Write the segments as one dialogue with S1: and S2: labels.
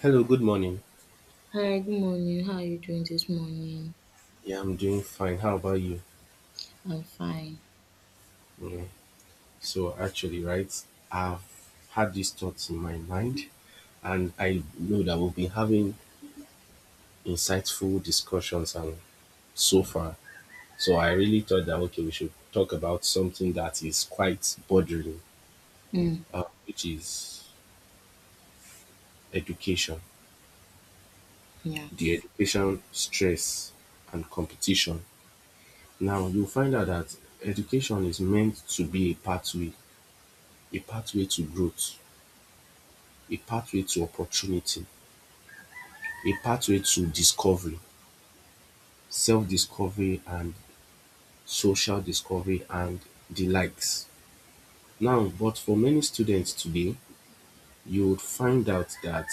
S1: Hello, good morning.
S2: Hi, good morning. How are you doing this morning?
S1: Yeah, I'm doing fine. How about you?
S2: I'm fine.
S1: Yeah. So actually, right, I've had these thoughts in my mind, and I know that we'll be having insightful discussions and so far. So I really thought that okay, we should talk about something that is quite bothering,
S2: Mm,
S1: which is education,
S2: yeah.
S1: the education stress and competition. Now you'll find out that education is meant to be a pathway to growth, a pathway to opportunity, a pathway to discovery, self discovery and social discovery and the likes. Now, but for many students today, you would find out that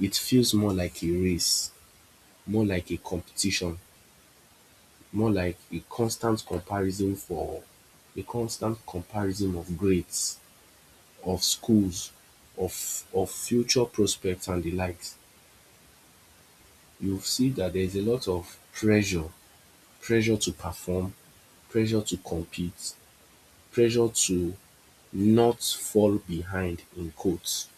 S1: it feels more like a race, more like a competition, more like a constant comparison for a constant comparison of grades, of schools, of of future prospects and the likes. You see that there's a lot of pressure, pressure to perform, pressure to compete, pressure to not fall behind in quotes.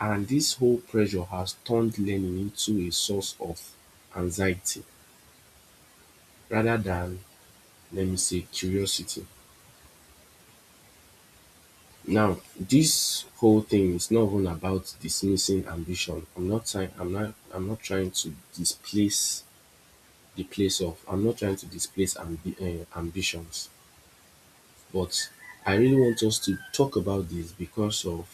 S1: And this whole pressure has turned learning into a source of anxiety rather than, let me say, curiosity. Now, this whole thing is not even about dismissing ambition. I'm not trying. I'm not. I'm not trying to displace the place of. I'm not trying to displace ambitions, but I really want us to talk about this because of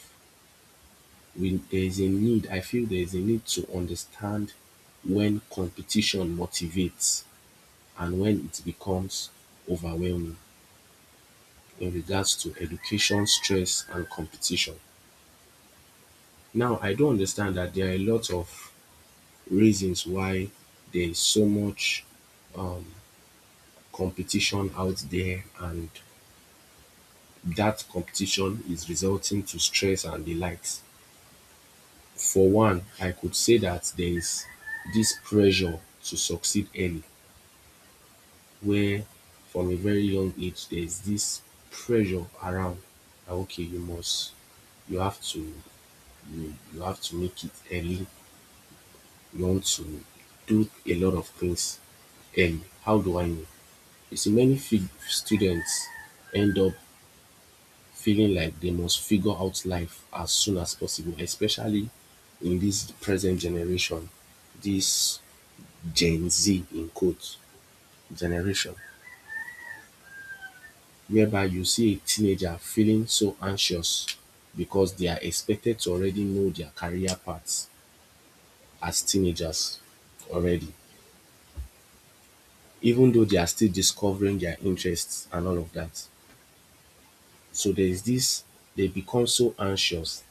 S1: we there is a need I feel there is a need to understand when competition motivates and when it becomes overwhelming in regards to education, stress and competition. Now I do understand that there are a lot of reasons why there is so much um competition out there and that competition is resulting to stress and the likes. For one, I could say that there is this pressure to succeed early where from a very young age there's this pressure around okay you must you have to you have to make it early you want to do a lot of things early. How do I know? You see many students end up feeling like they must figure out life as soon as possible, especially in this present generation, this Gen Z in quotes generation, whereby you see a teenager feeling so anxious because they are expected to already know their career paths as teenagers already, even though they are still discovering their interests and all of that. So there is this, they become so anxious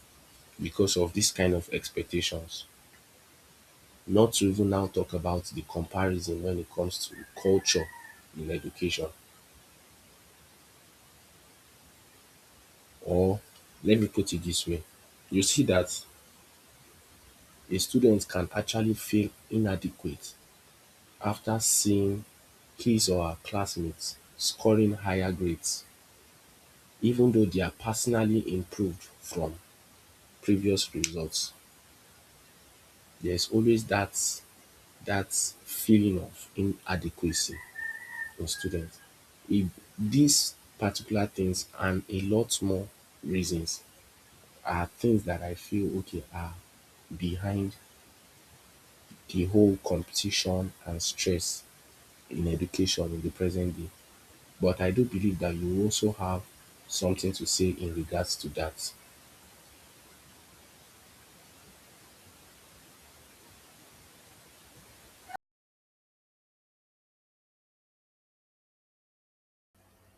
S1: because of this kind of expectations. Not to even now talk about the comparison when it comes to culture in education. Or let me put it this way, you see that a student can actually feel inadequate after seeing his or her classmates scoring higher grades, even though they are personally improved from previous results, there's always that feeling of inadequacy in students. If these particular things and a lot more reasons are things that I feel okay are behind the whole competition and stress in education in the present day. But I do believe that you also have something to say in regards to that.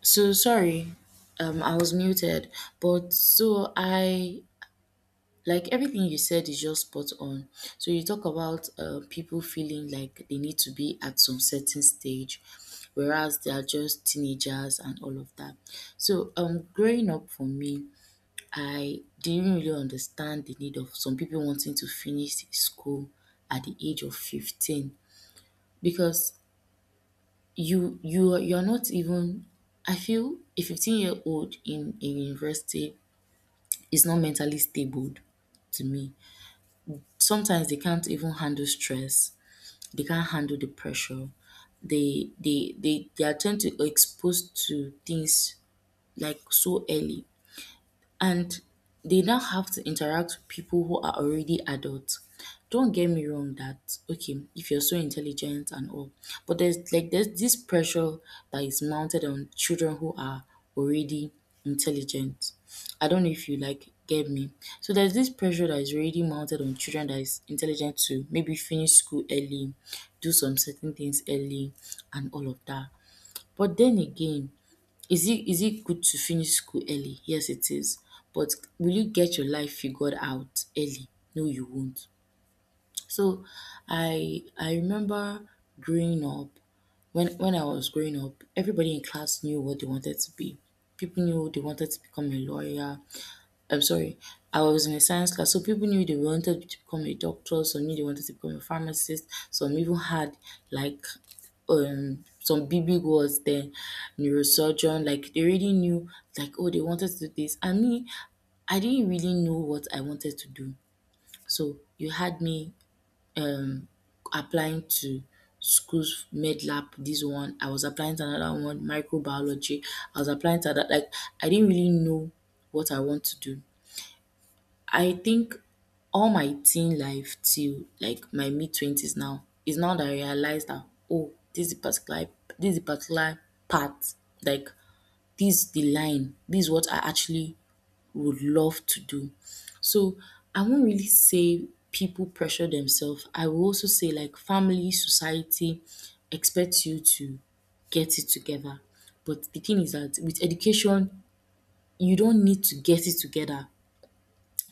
S2: So sorry, I was muted, but so I like everything you said is just spot on. So you talk about people feeling like they need to be at some certain stage, whereas they are just teenagers and all of that. So growing up for me, I didn't really understand the need of some people wanting to finish school at the age of 15 because you're not even I feel a 15-year-old in a university is not mentally stable to me. Sometimes they can't even handle stress, they can't handle the pressure, they are tend to exposed to things like so early, and they now have to interact with people who are already adults. Don't get me wrong that okay, if you're so intelligent and all, but there's this pressure that is mounted on children who are already intelligent. I don't know if you like get me. So there's this pressure that is already mounted on children that is intelligent to maybe finish school early, do some certain things early and all of that. But then again, is it good to finish school early? Yes, it is. But will you get your life figured out early? No, you won't. So I remember growing up, when I was growing up, everybody in class knew what they wanted to be. People knew they wanted to become a lawyer. I'm sorry, I was in a science class, so people knew they wanted to become a doctor, some knew they wanted to become a pharmacist, some even had like some big big words then, neurosurgeon, like they already knew, like oh, they wanted to do this. And me, I didn't really know what I wanted to do. So you had me um applying to schools, med lab this one, I was applying to another one, microbiology, I was applying to that, like I didn't really know what I want to do. I think all my teen life till like my mid twenties, now is now that I realize that oh, this is the particular part, like this is the line, this is what I actually would love to do. So I won't really say people pressure themselves. I will also say like family, society expects you to get it together. But the thing is that with education, you don't need to get it together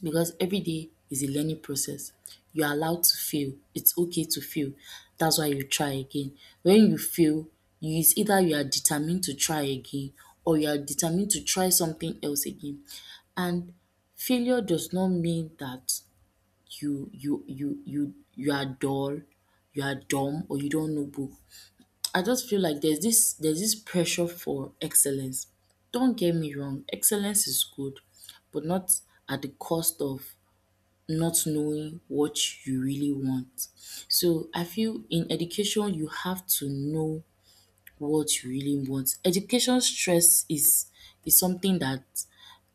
S2: because every day is a learning process. You're allowed to fail. It's okay to fail. That's why you try again. When you fail, you is either you are determined to try again or you are determined to try something else again. And failure does not mean that you are dull, you are dumb, or you don't know book. I just feel like there's this pressure for excellence. Don't get me wrong, excellence is good, but not at the cost of not knowing what you really want. So I feel in education you have to know what you really want. Education stress is something that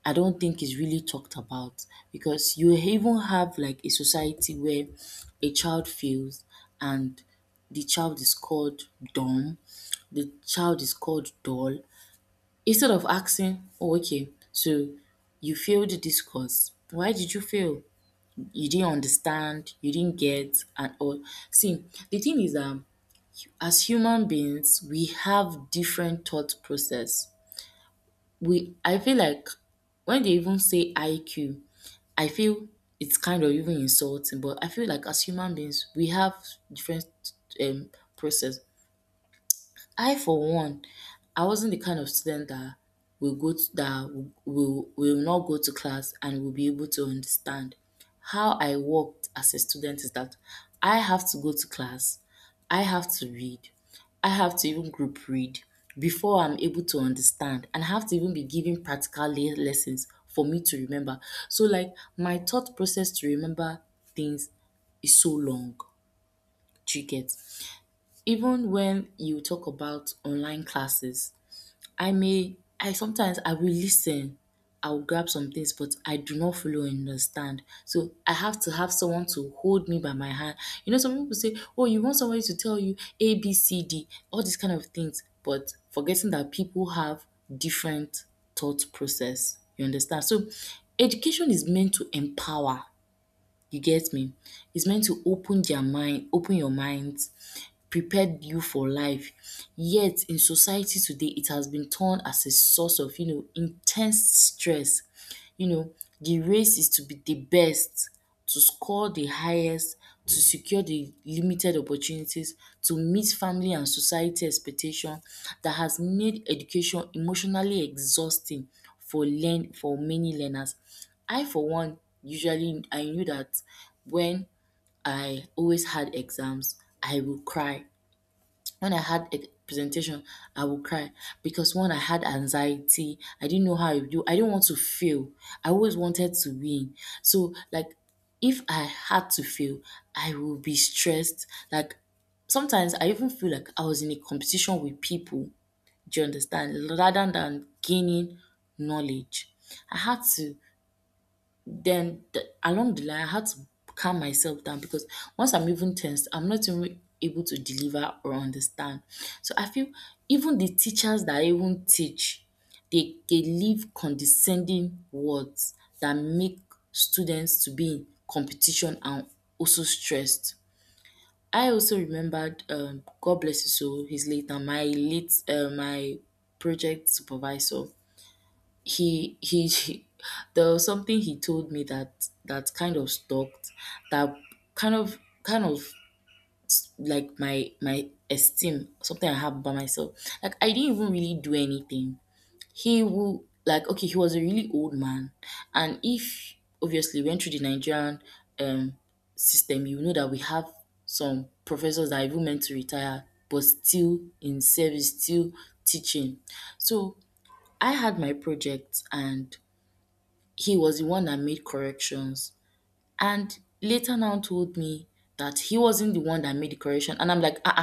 S2: I don't think is really talked about, because you even have like a society where a child fails and the child is called dumb, the child is called dull. Instead of asking, oh okay, so you failed this course. Why did you fail? You didn't understand, you didn't get, and all. See, the thing is, as human beings, we have different thought process. I feel like when they even say IQ, I feel it's kind of even insulting. But I feel like as human beings, we have different um process. I for one, I wasn't the kind of student that will go to, that will, will not go to class and will be able to understand. How I worked as a student is that I have to go to class, I have to read, I have to even group read before I'm able to understand, and I have to even be given practical lessons for me to remember. So like my thought process to remember things is so long. Do you get? Even when you talk about online classes, I sometimes I will listen, I will grab some things, but I do not fully understand. So I have to have someone to hold me by my hand. You know, some people say, "Oh, you want somebody to tell you A, B, C, D," all these kind of things, but forgetting that people have different thought process. You understand? So education is meant to empower, you get me? It's meant to open your mind, prepare you for life. Yet in society today, it has been turned as a source of you know intense stress. You know, the race is to be the best, to score the highest, to secure the limited opportunities, to meet family and society expectation that has made education emotionally exhausting for learn for many learners. I for one, usually I knew that when I always had exams, I would cry. When I had a presentation, I would cry because one, I had anxiety. I didn't know how I do. I didn't want to fail. I always wanted to win. So like, if I had to fail, I would be stressed. Like sometimes I even feel like I was in a competition with people. Do you understand? Rather than gaining knowledge, I had to, along the line, I had to calm myself down because once I'm even tensed, I'm not even able to deliver or understand. So I feel even the teachers that even teach, they leave condescending words that make students to be in competition and also stressed. I also remembered God bless you so, his late and my late, my project supervisor, he, there was something he told me that kind of stalked, that kind of kind of like my esteem, something I have by myself, like I didn't even really do anything. He will like okay, he was a really old man, and if obviously went through the Nigerian um system, you know that we have some professors that are even meant to retire but still in service, still teaching. So I had my project and he was the one that made corrections. And later now told me that he wasn't the one that made the correction. And I'm like, ah,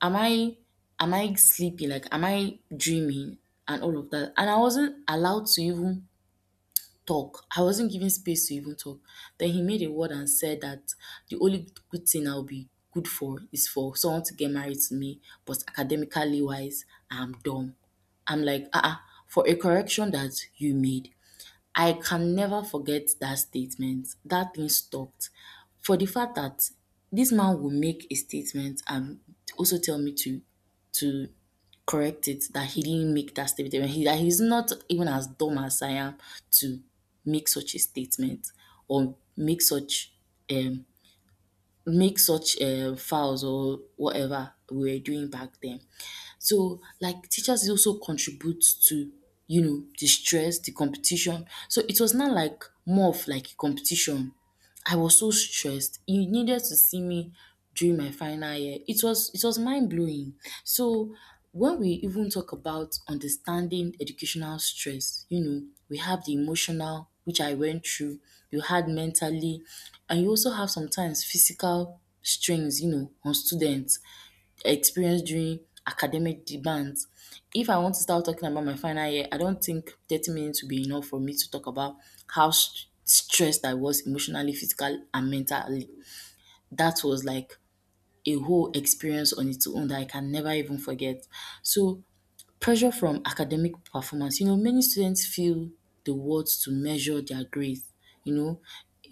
S2: ah, am I sleeping? Like, am I dreaming? And all of that. And I wasn't allowed to even talk. I wasn't given space to even talk. Then he made a word and said that the only good thing I'll be good for is for someone to get married to me, but academically wise, I'm dumb. I'm like, ah, ah, for a correction that you made, I can never forget that statement. That thing stopped. For the fact that this man will make a statement and also tell me to to correct it, that he didn't make that statement. He, that he's not even as dumb as I am to make such a statement, or um make such fouls or whatever we were doing back then. So like teachers also contribute to you know the stress, the competition. So it was not like more of like a competition. I was so stressed. You needed to see me during my final year. It was mind blowing. So when we even talk about understanding educational stress, you know, we have the emotional, which I went through, you had mentally, and you also have sometimes physical strains, you know, on students, experience during academic demands. If I want to start talking about my final year, I don't think 30 minutes will be enough for me to talk about how stressed I was emotionally, physical, and mentally. That was like a whole experience on its own that I can never even forget. So pressure from academic performance. You know, many students feel the words to measure their grades. You know,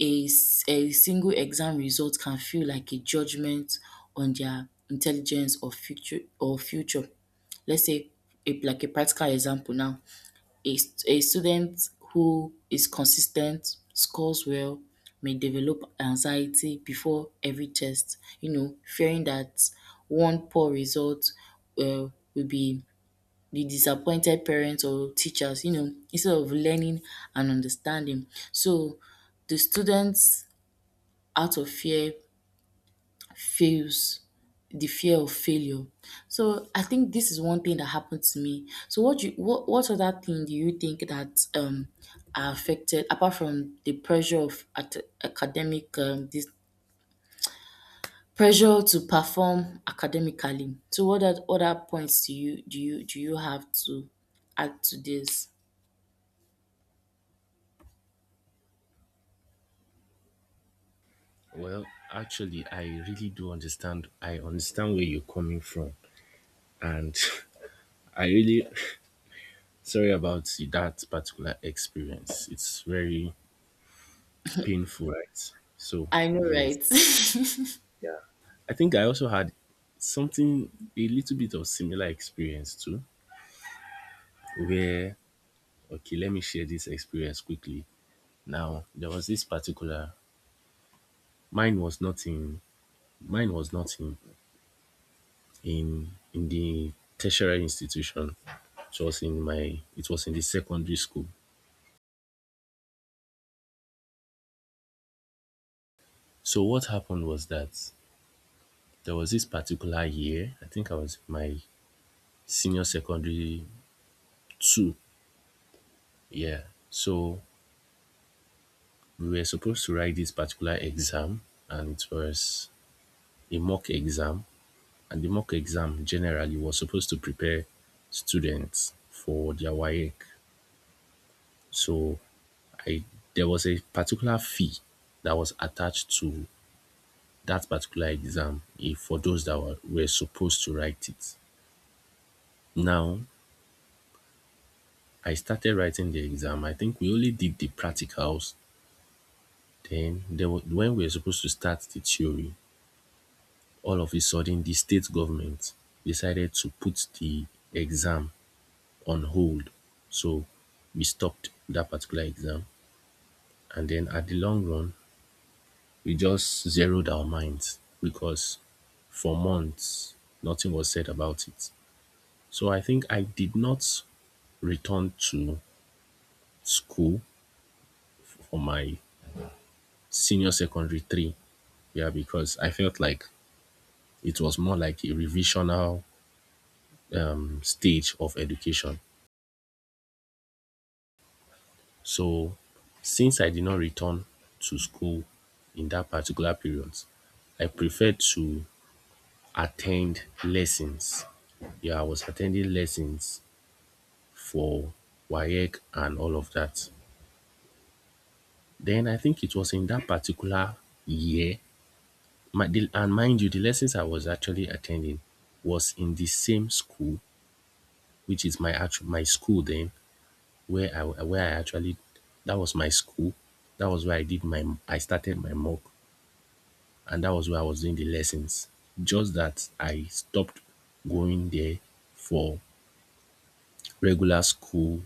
S2: a single exam result can feel like a judgment on their intelligence or future. Let's say like a practical example now. A student who is consistent, scores well, may develop anxiety before every test, you know, fearing that one poor result uh, will be the disappointed parents or teachers, you know, instead of learning and understanding. So the students out of fear fails, the fear of failure. So I think this is one thing that happened to me. So what other thing do you think that are affected apart from the pressure of at- academic this pressure to perform academically? So what are other points do you do you have to add to this?
S1: Well, actually, I really do understand. I understand where you're coming from. And I really sorry about that particular experience. It's very painful, right? So,
S2: I know,
S1: yes.
S2: right?
S1: I think I also had something, a little bit of similar experience too, where, okay, let me share this experience quickly. Now, there was this particular, mine was not in, mine was not in in the tertiary institution. It was in my it was in the secondary school. So what happened was that there was this particular year, I think I was in my senior secondary two, yeah. So we were supposed to write this particular exam and it was a mock exam and the mock exam generally was supposed to prepare students for their WAEC. So I there was a particular fee that was attached to that particular exam if for those that were supposed to write it. Now, I started writing the exam. I think we only did the practicals. Then, when we were supposed to start the theory, all of a sudden, the state government decided to put the exam on hold. So, we stopped that particular exam. And then, at the long run, we just zeroed our minds because for months, nothing was said about it. So I think I did not returned to school for my senior secondary three. Yeah, because I felt like it was more like a revisional stage of education. So, since I did not return to school in that particular period, I preferred to attend lessons. Yeah, I was attending lessons for WAEC and all of that. Then I think it was in that particular year My, the, and mind you, the lessons I was actually attending was in the same school, which is my actual my school then, where I actually that was my school. That was where I did my I started my mock, and that was where I was doing the lessons. Just that I stopped going there for regular school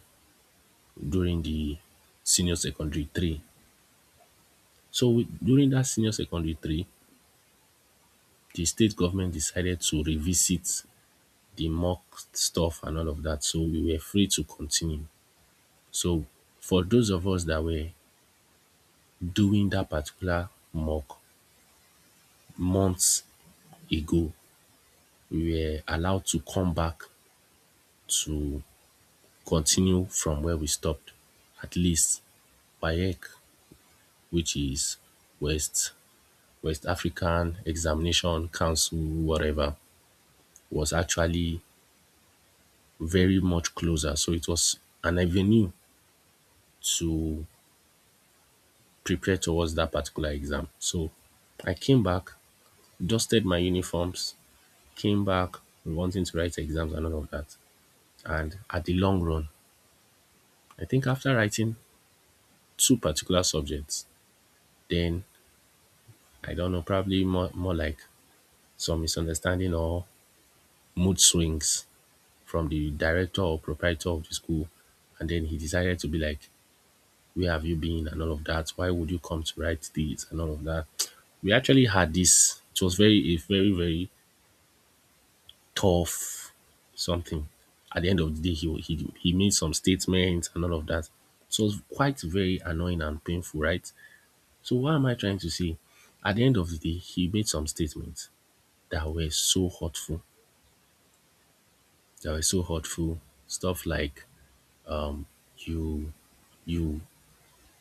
S1: during the senior secondary three. So during that senior secondary three, the state government decided to revisit the mock stuff and all of that. So we were free to continue. So for those of us that were doing that particular mock months ago, we were allowed to come back to continue from where we stopped. At least WAEC, which is West West African Examination Council, whatever, was actually very much closer. So it was an avenue to prepare towards that particular exam. So I came back, dusted my uniforms, came back wanting to write exams and all of that. And at the long run, I think after writing two particular subjects, then I don't know, probably more, more like some misunderstanding or mood swings from the director or proprietor of the school. And then he decided to be like, "Where have you been?" and all of that. "Why would you come to write this?" and all of that. We actually had this, it was very, a very, very tough something. At the end of the day, he made some statements and all of that. So it's quite very annoying and painful, right? So what am I trying to say? At the end of the day, he made some statements that were so hurtful. That were so hurtful. Stuff like you you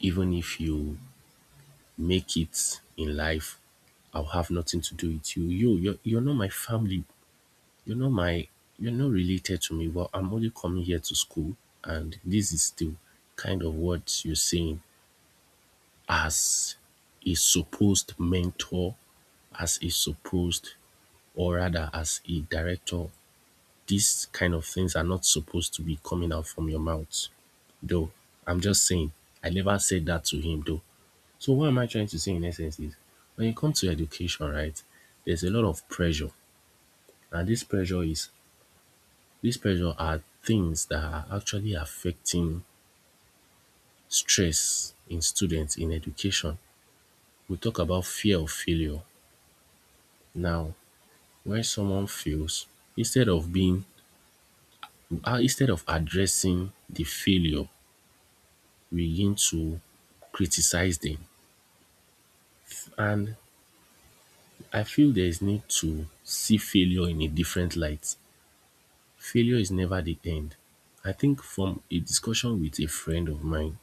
S1: even if you make it in life I'll have nothing to do with you. You, you're not my family. You know, my, you're not related to me, but I'm only coming here to school, and this is the kind of what you're saying as a supposed mentor, as a supposed, or rather, as a director. These kind of things are not supposed to be coming out from your mouth, though. I'm just saying, I never said that to him, though. So, what am I trying to say in essence is when it comes to education, right, there's a lot of pressure, and this pressure is These pressure are things that are actually affecting stress in students in education. We talk about fear of failure. Now, when someone fails, instead of being instead of addressing the failure, we begin to criticize them. And I feel there is need to see failure in a different light. Failure is never the end. I think from a discussion with a friend of mine,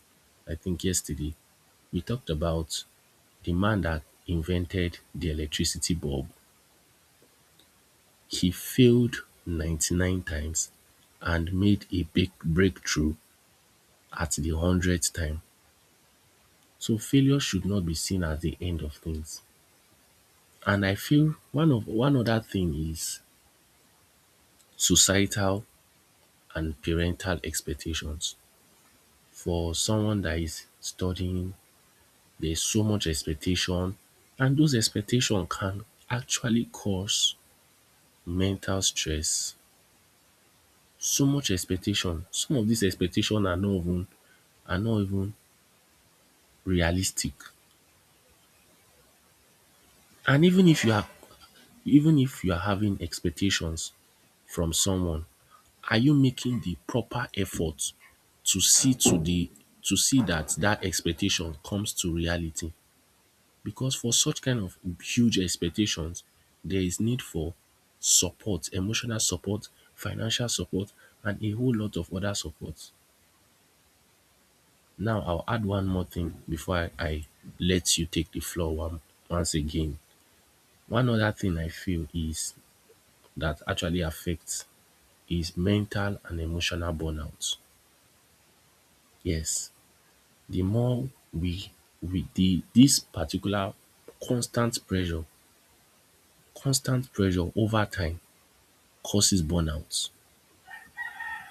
S1: I think yesterday, we talked about The man that invented the electricity bulb, he failed 99 times and made a big breakthrough at the 100th time. So failure should not be seen as the end of things. And I feel one of one other thing is societal and parental expectations. For someone that is studying, there's so much expectation and those expectations can actually cause mental stress, so much expectation. Some of these expectations are not even realistic, and even if you are even if you are having expectations from someone, are you making the proper effort to see to the to see that that expectation comes to reality? Because for such kind of huge expectations there is need for support, emotional support, financial support, and a whole lot of other supports. Now I'll add one more thing before I let you take the floor one, once again. One other thing I feel is that actually affects is mental and emotional burnout. Yes, the more we the this particular constant pressure, constant pressure over time causes burnout.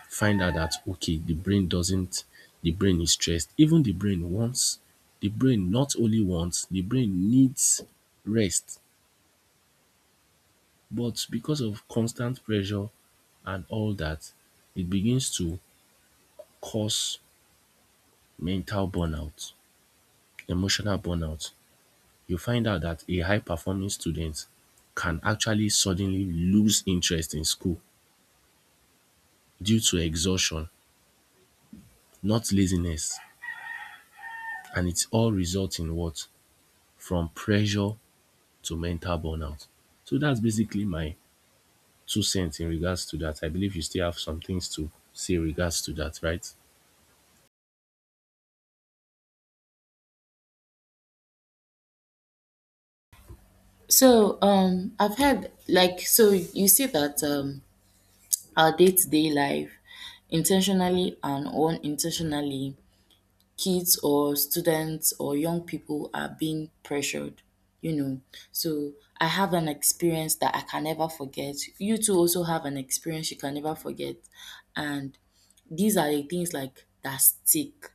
S1: Find out that okay, the brain doesn't the brain is stressed. Even the brain wants the brain not only wants, the brain needs rest. But because of constant pressure and all that, it begins to cause mental burnout, emotional burnout. You find out that a high performing student can actually suddenly lose interest in school due to exhaustion, not laziness. And it's all result in what? From pressure to mental burnout. So that's basically my two cents in regards to that. I believe you still have some things to say regards to that, right?
S2: So I've had like, so you see that our day to day life, intentionally and unintentionally, kids or students or young people are being pressured, you know. So I have an experience that I can never forget. You two also have an experience you can never forget, and these are the things like that stick.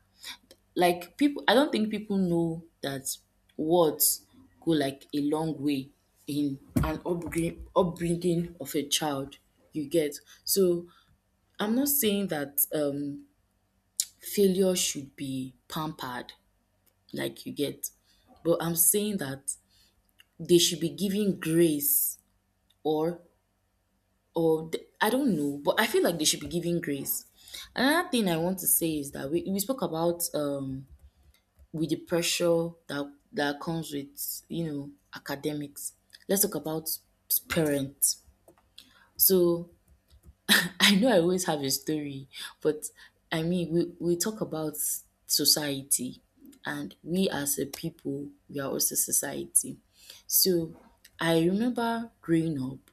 S2: Like, people, I don't think people know that words go like a long way in an upbringing of a child, you get. So I'm not saying that failure should be pampered, like, you get, but I'm saying that they should be given grace, or I don't know, but I feel like they should be given grace. Another thing I want to say is that we spoke about with the pressure that comes with, you know, academics. Let's talk about parents. So I know I always have a story, but I mean, we talk about society, and we, as a people, we are also society. So I remember growing up,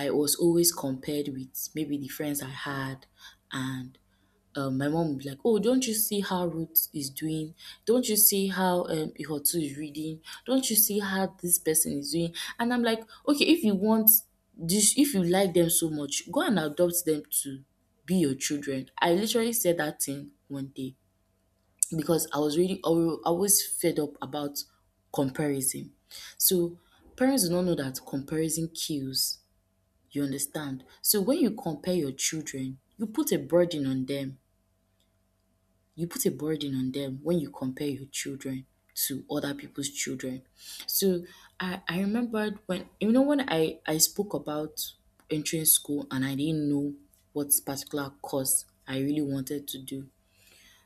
S2: I was always compared with maybe the friends I had. And, my mom would be like, "Oh, don't you see how Ruth is doing? Don't you see how, Ihotu is reading? Don't you see how this person is doing?" And I'm like, "Okay, if you want if you like them so much, go and adopt them to be your children." I literally said that thing one day because I was really always fed up about comparison. So parents do not know that comparison kills. You understand? So when you compare your children, you put a burden on them. You put a burden on them when you compare your children to other people's children. So I remembered when, you know, when I spoke about entering school and I didn't know what particular course I really wanted to do.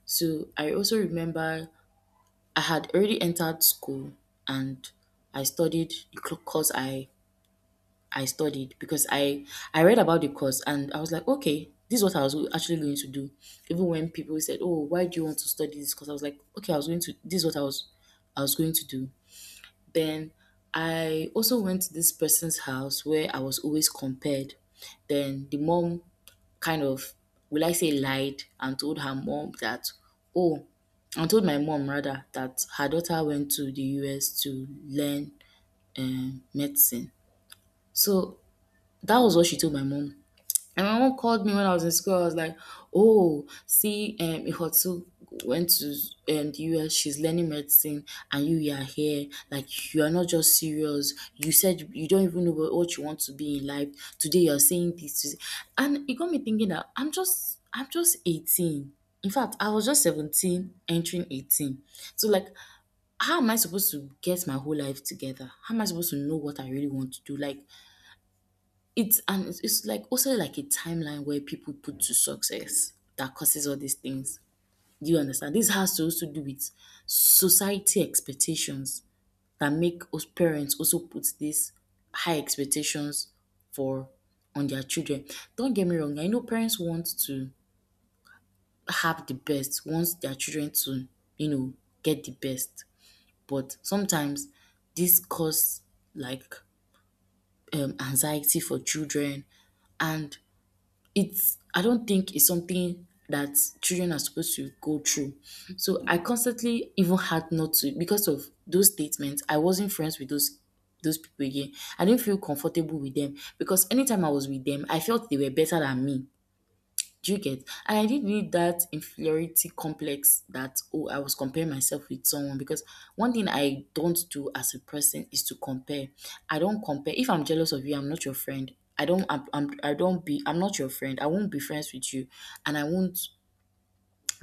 S2: So I also remember I had already entered school, and I studied the course I studied because I read about the course and I was like, "Okay, this is what I was actually going to do." Even when people said, "Oh, why do you want to study this course?" I was like, "Okay, I was going to. This is what I was going to do." Then I also went to this person's house where I was always compared. Then the mom kind of, will I say, lied and told her mom that, oh, and told my mom rather, that her daughter went to the US to learn, medicine. So that was what she told my mom. And my mom called me when I was in school. I was like, oh, "See, Ihotsu went to, the US. She's learning medicine, and you are here. Like, you are not just serious. You said you don't even know what you want to be in life. Today, you're saying this." And it got me thinking that I'm just 18. In fact, I was just 17, entering 18. So, like, how am I supposed to get my whole life together? How am I supposed to know what I really want to do? Like, it's like also like a timeline where people put to success that causes all these things. Do you understand? This has to also do with society expectations that make us, parents, also put these high expectations for on their children. Don't get me wrong, I know parents want to have the best, wants their children to, you know, get the best. But sometimes this cause, like, anxiety for children, and it's I don't think it's something that children are supposed to go through. So I constantly even had not to, because of those statements, I wasn't friends with those people again. I didn't feel comfortable with them because anytime I was with them, I felt they were better than me. Do you get? And I did build that inferiority complex that, oh, I was comparing myself with someone, because one thing I don't do as a person is to compare. I don't compare. If I'm jealous of you, I'm not your friend. I don't, I'm, I don't be, I'm not your friend. I won't be friends with you, and I won't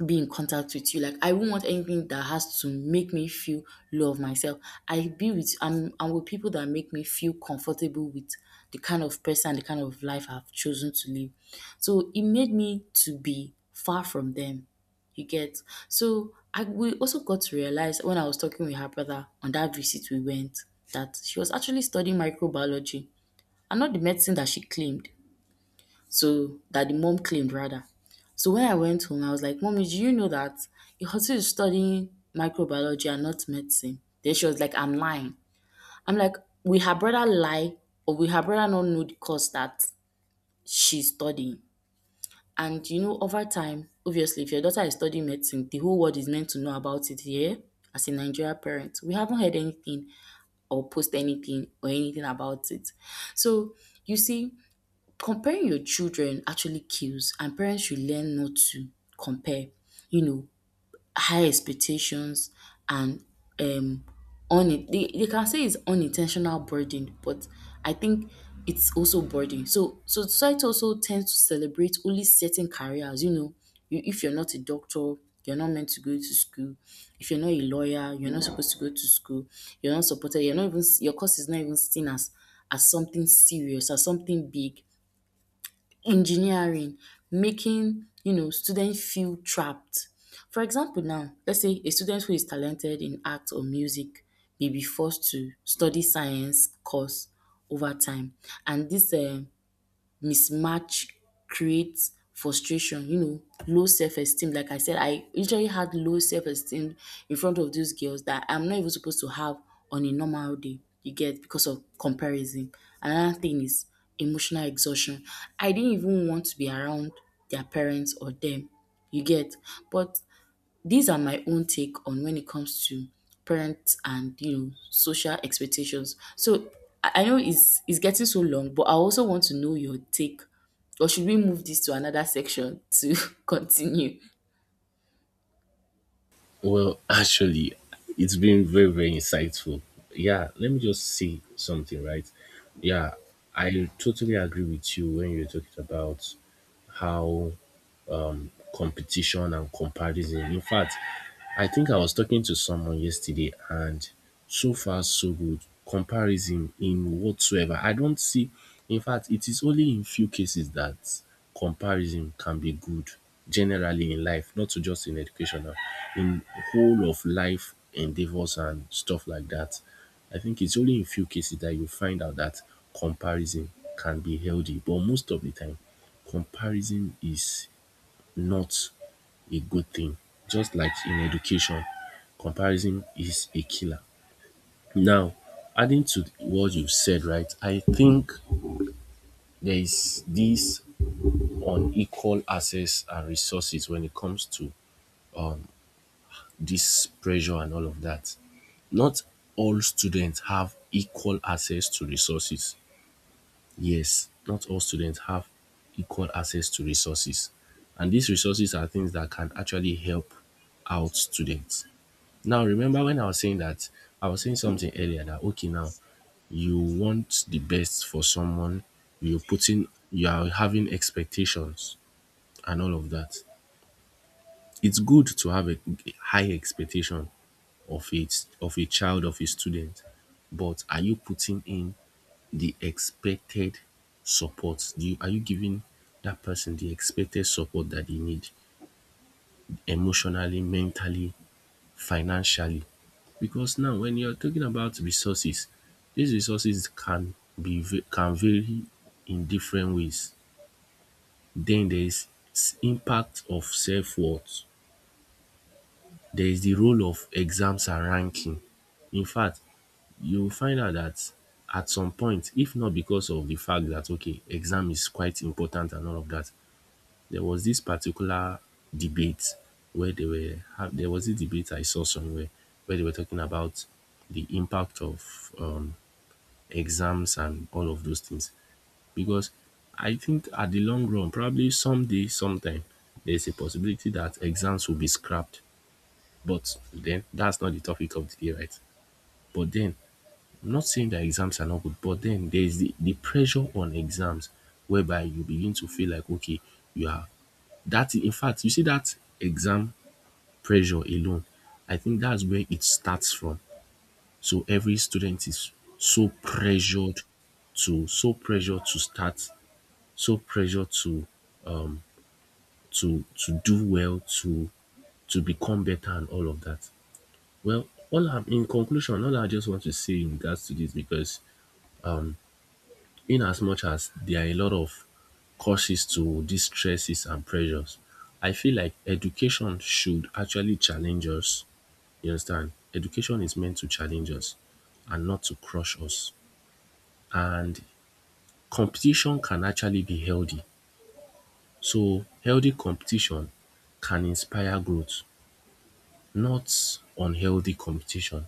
S2: be in contact with you. Like, I won't want anything that has to make me feel low of myself. I'm with people that make me feel comfortable with the kind of person, the kind of life I've chosen to live. So it made me to be far from them. You get. So I, we also got to realize when I was talking with her brother on that visit we went that she was actually studying microbiology and not the medicine that she claimed. So that, the mom claimed, rather. So when I went home, I was like, "Mommy, do you know that your Ihotu is studying microbiology and not medicine?" Then she was like, "I'm lying." I'm like, will her brother lie, or will her brother not know the course that she's studying? And, you know, over time, obviously, if your daughter is studying medicine, the whole world is meant to know about it here. As a Nigerian parent, we haven't heard anything, or post anything, or anything about it. So you see, comparing your children actually kills, and parents should learn not to compare, you know. High expectations and, um un they can say it's unintentional burden, but I think it's also burden. So, so society also tends to celebrate only certain careers, you know. If you're not a doctor, you're not meant to go to school. If you're not a lawyer, you're not supposed to go to school. You're not supported. You're not even Your course is not even seen as something serious, as something big. Engineering, making, you know, students feel trapped. For example now, let's say a student who is talented in art or music may be forced to study science course over time, and this mismatch creates frustration, you know, low self esteem. Like I said, I literally had low self esteem in front of those girls that I'm not even supposed to have on a normal day, you get, because of comparison. Another thing is emotional exhaustion. I didn't even want to be around their parents or them, you get. But these are my own take on when it comes to parents and, you know, social expectations. So I know it's getting so long, but I also want to know your take. Or should we move this to another section to continue?
S1: Well, actually, it's been very, very insightful. Yeah, let me just say something, right? Yeah, I totally agree with you when you're talking about how competition and comparison. In fact, I think I was talking to someone yesterday and so far so good. Comparison in whatsoever. I don't see, in fact, it is only in few cases that comparison can be good generally in life, not to just in educational, in whole of life endeavors and stuff like that. I think it's only in few cases that you find out that comparison can be healthy, but most of the time, comparison is not a good thing. Just like in education, comparison is a killer. Now, adding to what you've said, right, I think there is this unequal access and resources when it comes to um, this pressure and all of that. Not all students have equal access to resources. Yes, not all students have equal access to resources. And these resources are things that can actually help out students. Now, remember when I was saying that I was saying something earlier that okay, now you want the best for someone, you are having expectations and all of that. It's good to have a high expectation of a child, of a student, but are you putting in the expected support? Are you giving that person the expected support that they need emotionally, mentally, financially because now when you're talking about resources, these resources can can vary in different ways. Then there is impact of self worth. There is the role of exams and ranking. In fact, you will find out that at some point, if not because of the fact that okay, exam is quite important and all of that, there was this particular debate where they were ha- there was a debate I saw somewhere where they were talking about the impact of exams and all of those things because I think at the long run probably someday sometime there's a possibility that exams will be scrapped, but then that's not the topic of the day, right? But then I'm not saying that exams are not good, but then there's the pressure on exams whereby you begin to feel like okay you are that in fact, you see that exam pressure alone, I think that's where it starts from. So every student is so pressured so pressured to start, so pressured to to do well, to become better and all of that. Well, all I just want to say in regards to this because in as much as there are a lot of causes to these stresses and pressures, I feel like education should actually challenge us. You understand? Education is meant to challenge us and not to crush us. And competition can actually be healthy. So, healthy competition can inspire growth, not unhealthy competition.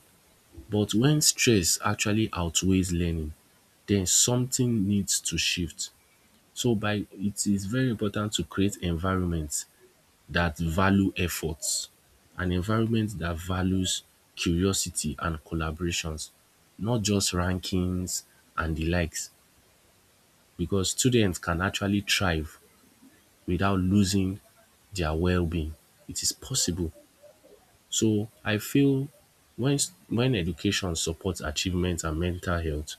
S1: But when stress actually outweighs learning, then something needs to shift. So by it is very important to create environments that value efforts, an environment that values curiosity and collaborations, not just rankings and the likes, because students can actually thrive without losing their well-being. It is possible. So I feel when education supports achievement and mental health,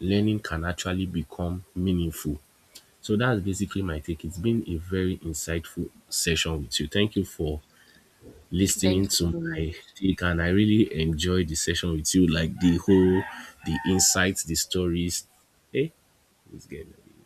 S1: learning can actually become meaningful. So that's basically my take. It's been a very insightful session with you. Thank you for
S2: Thank
S1: listening
S2: you
S1: to
S2: so
S1: my
S2: much.
S1: take and I really enjoyed the session with you, like the insights, the stories. Hey, it's good.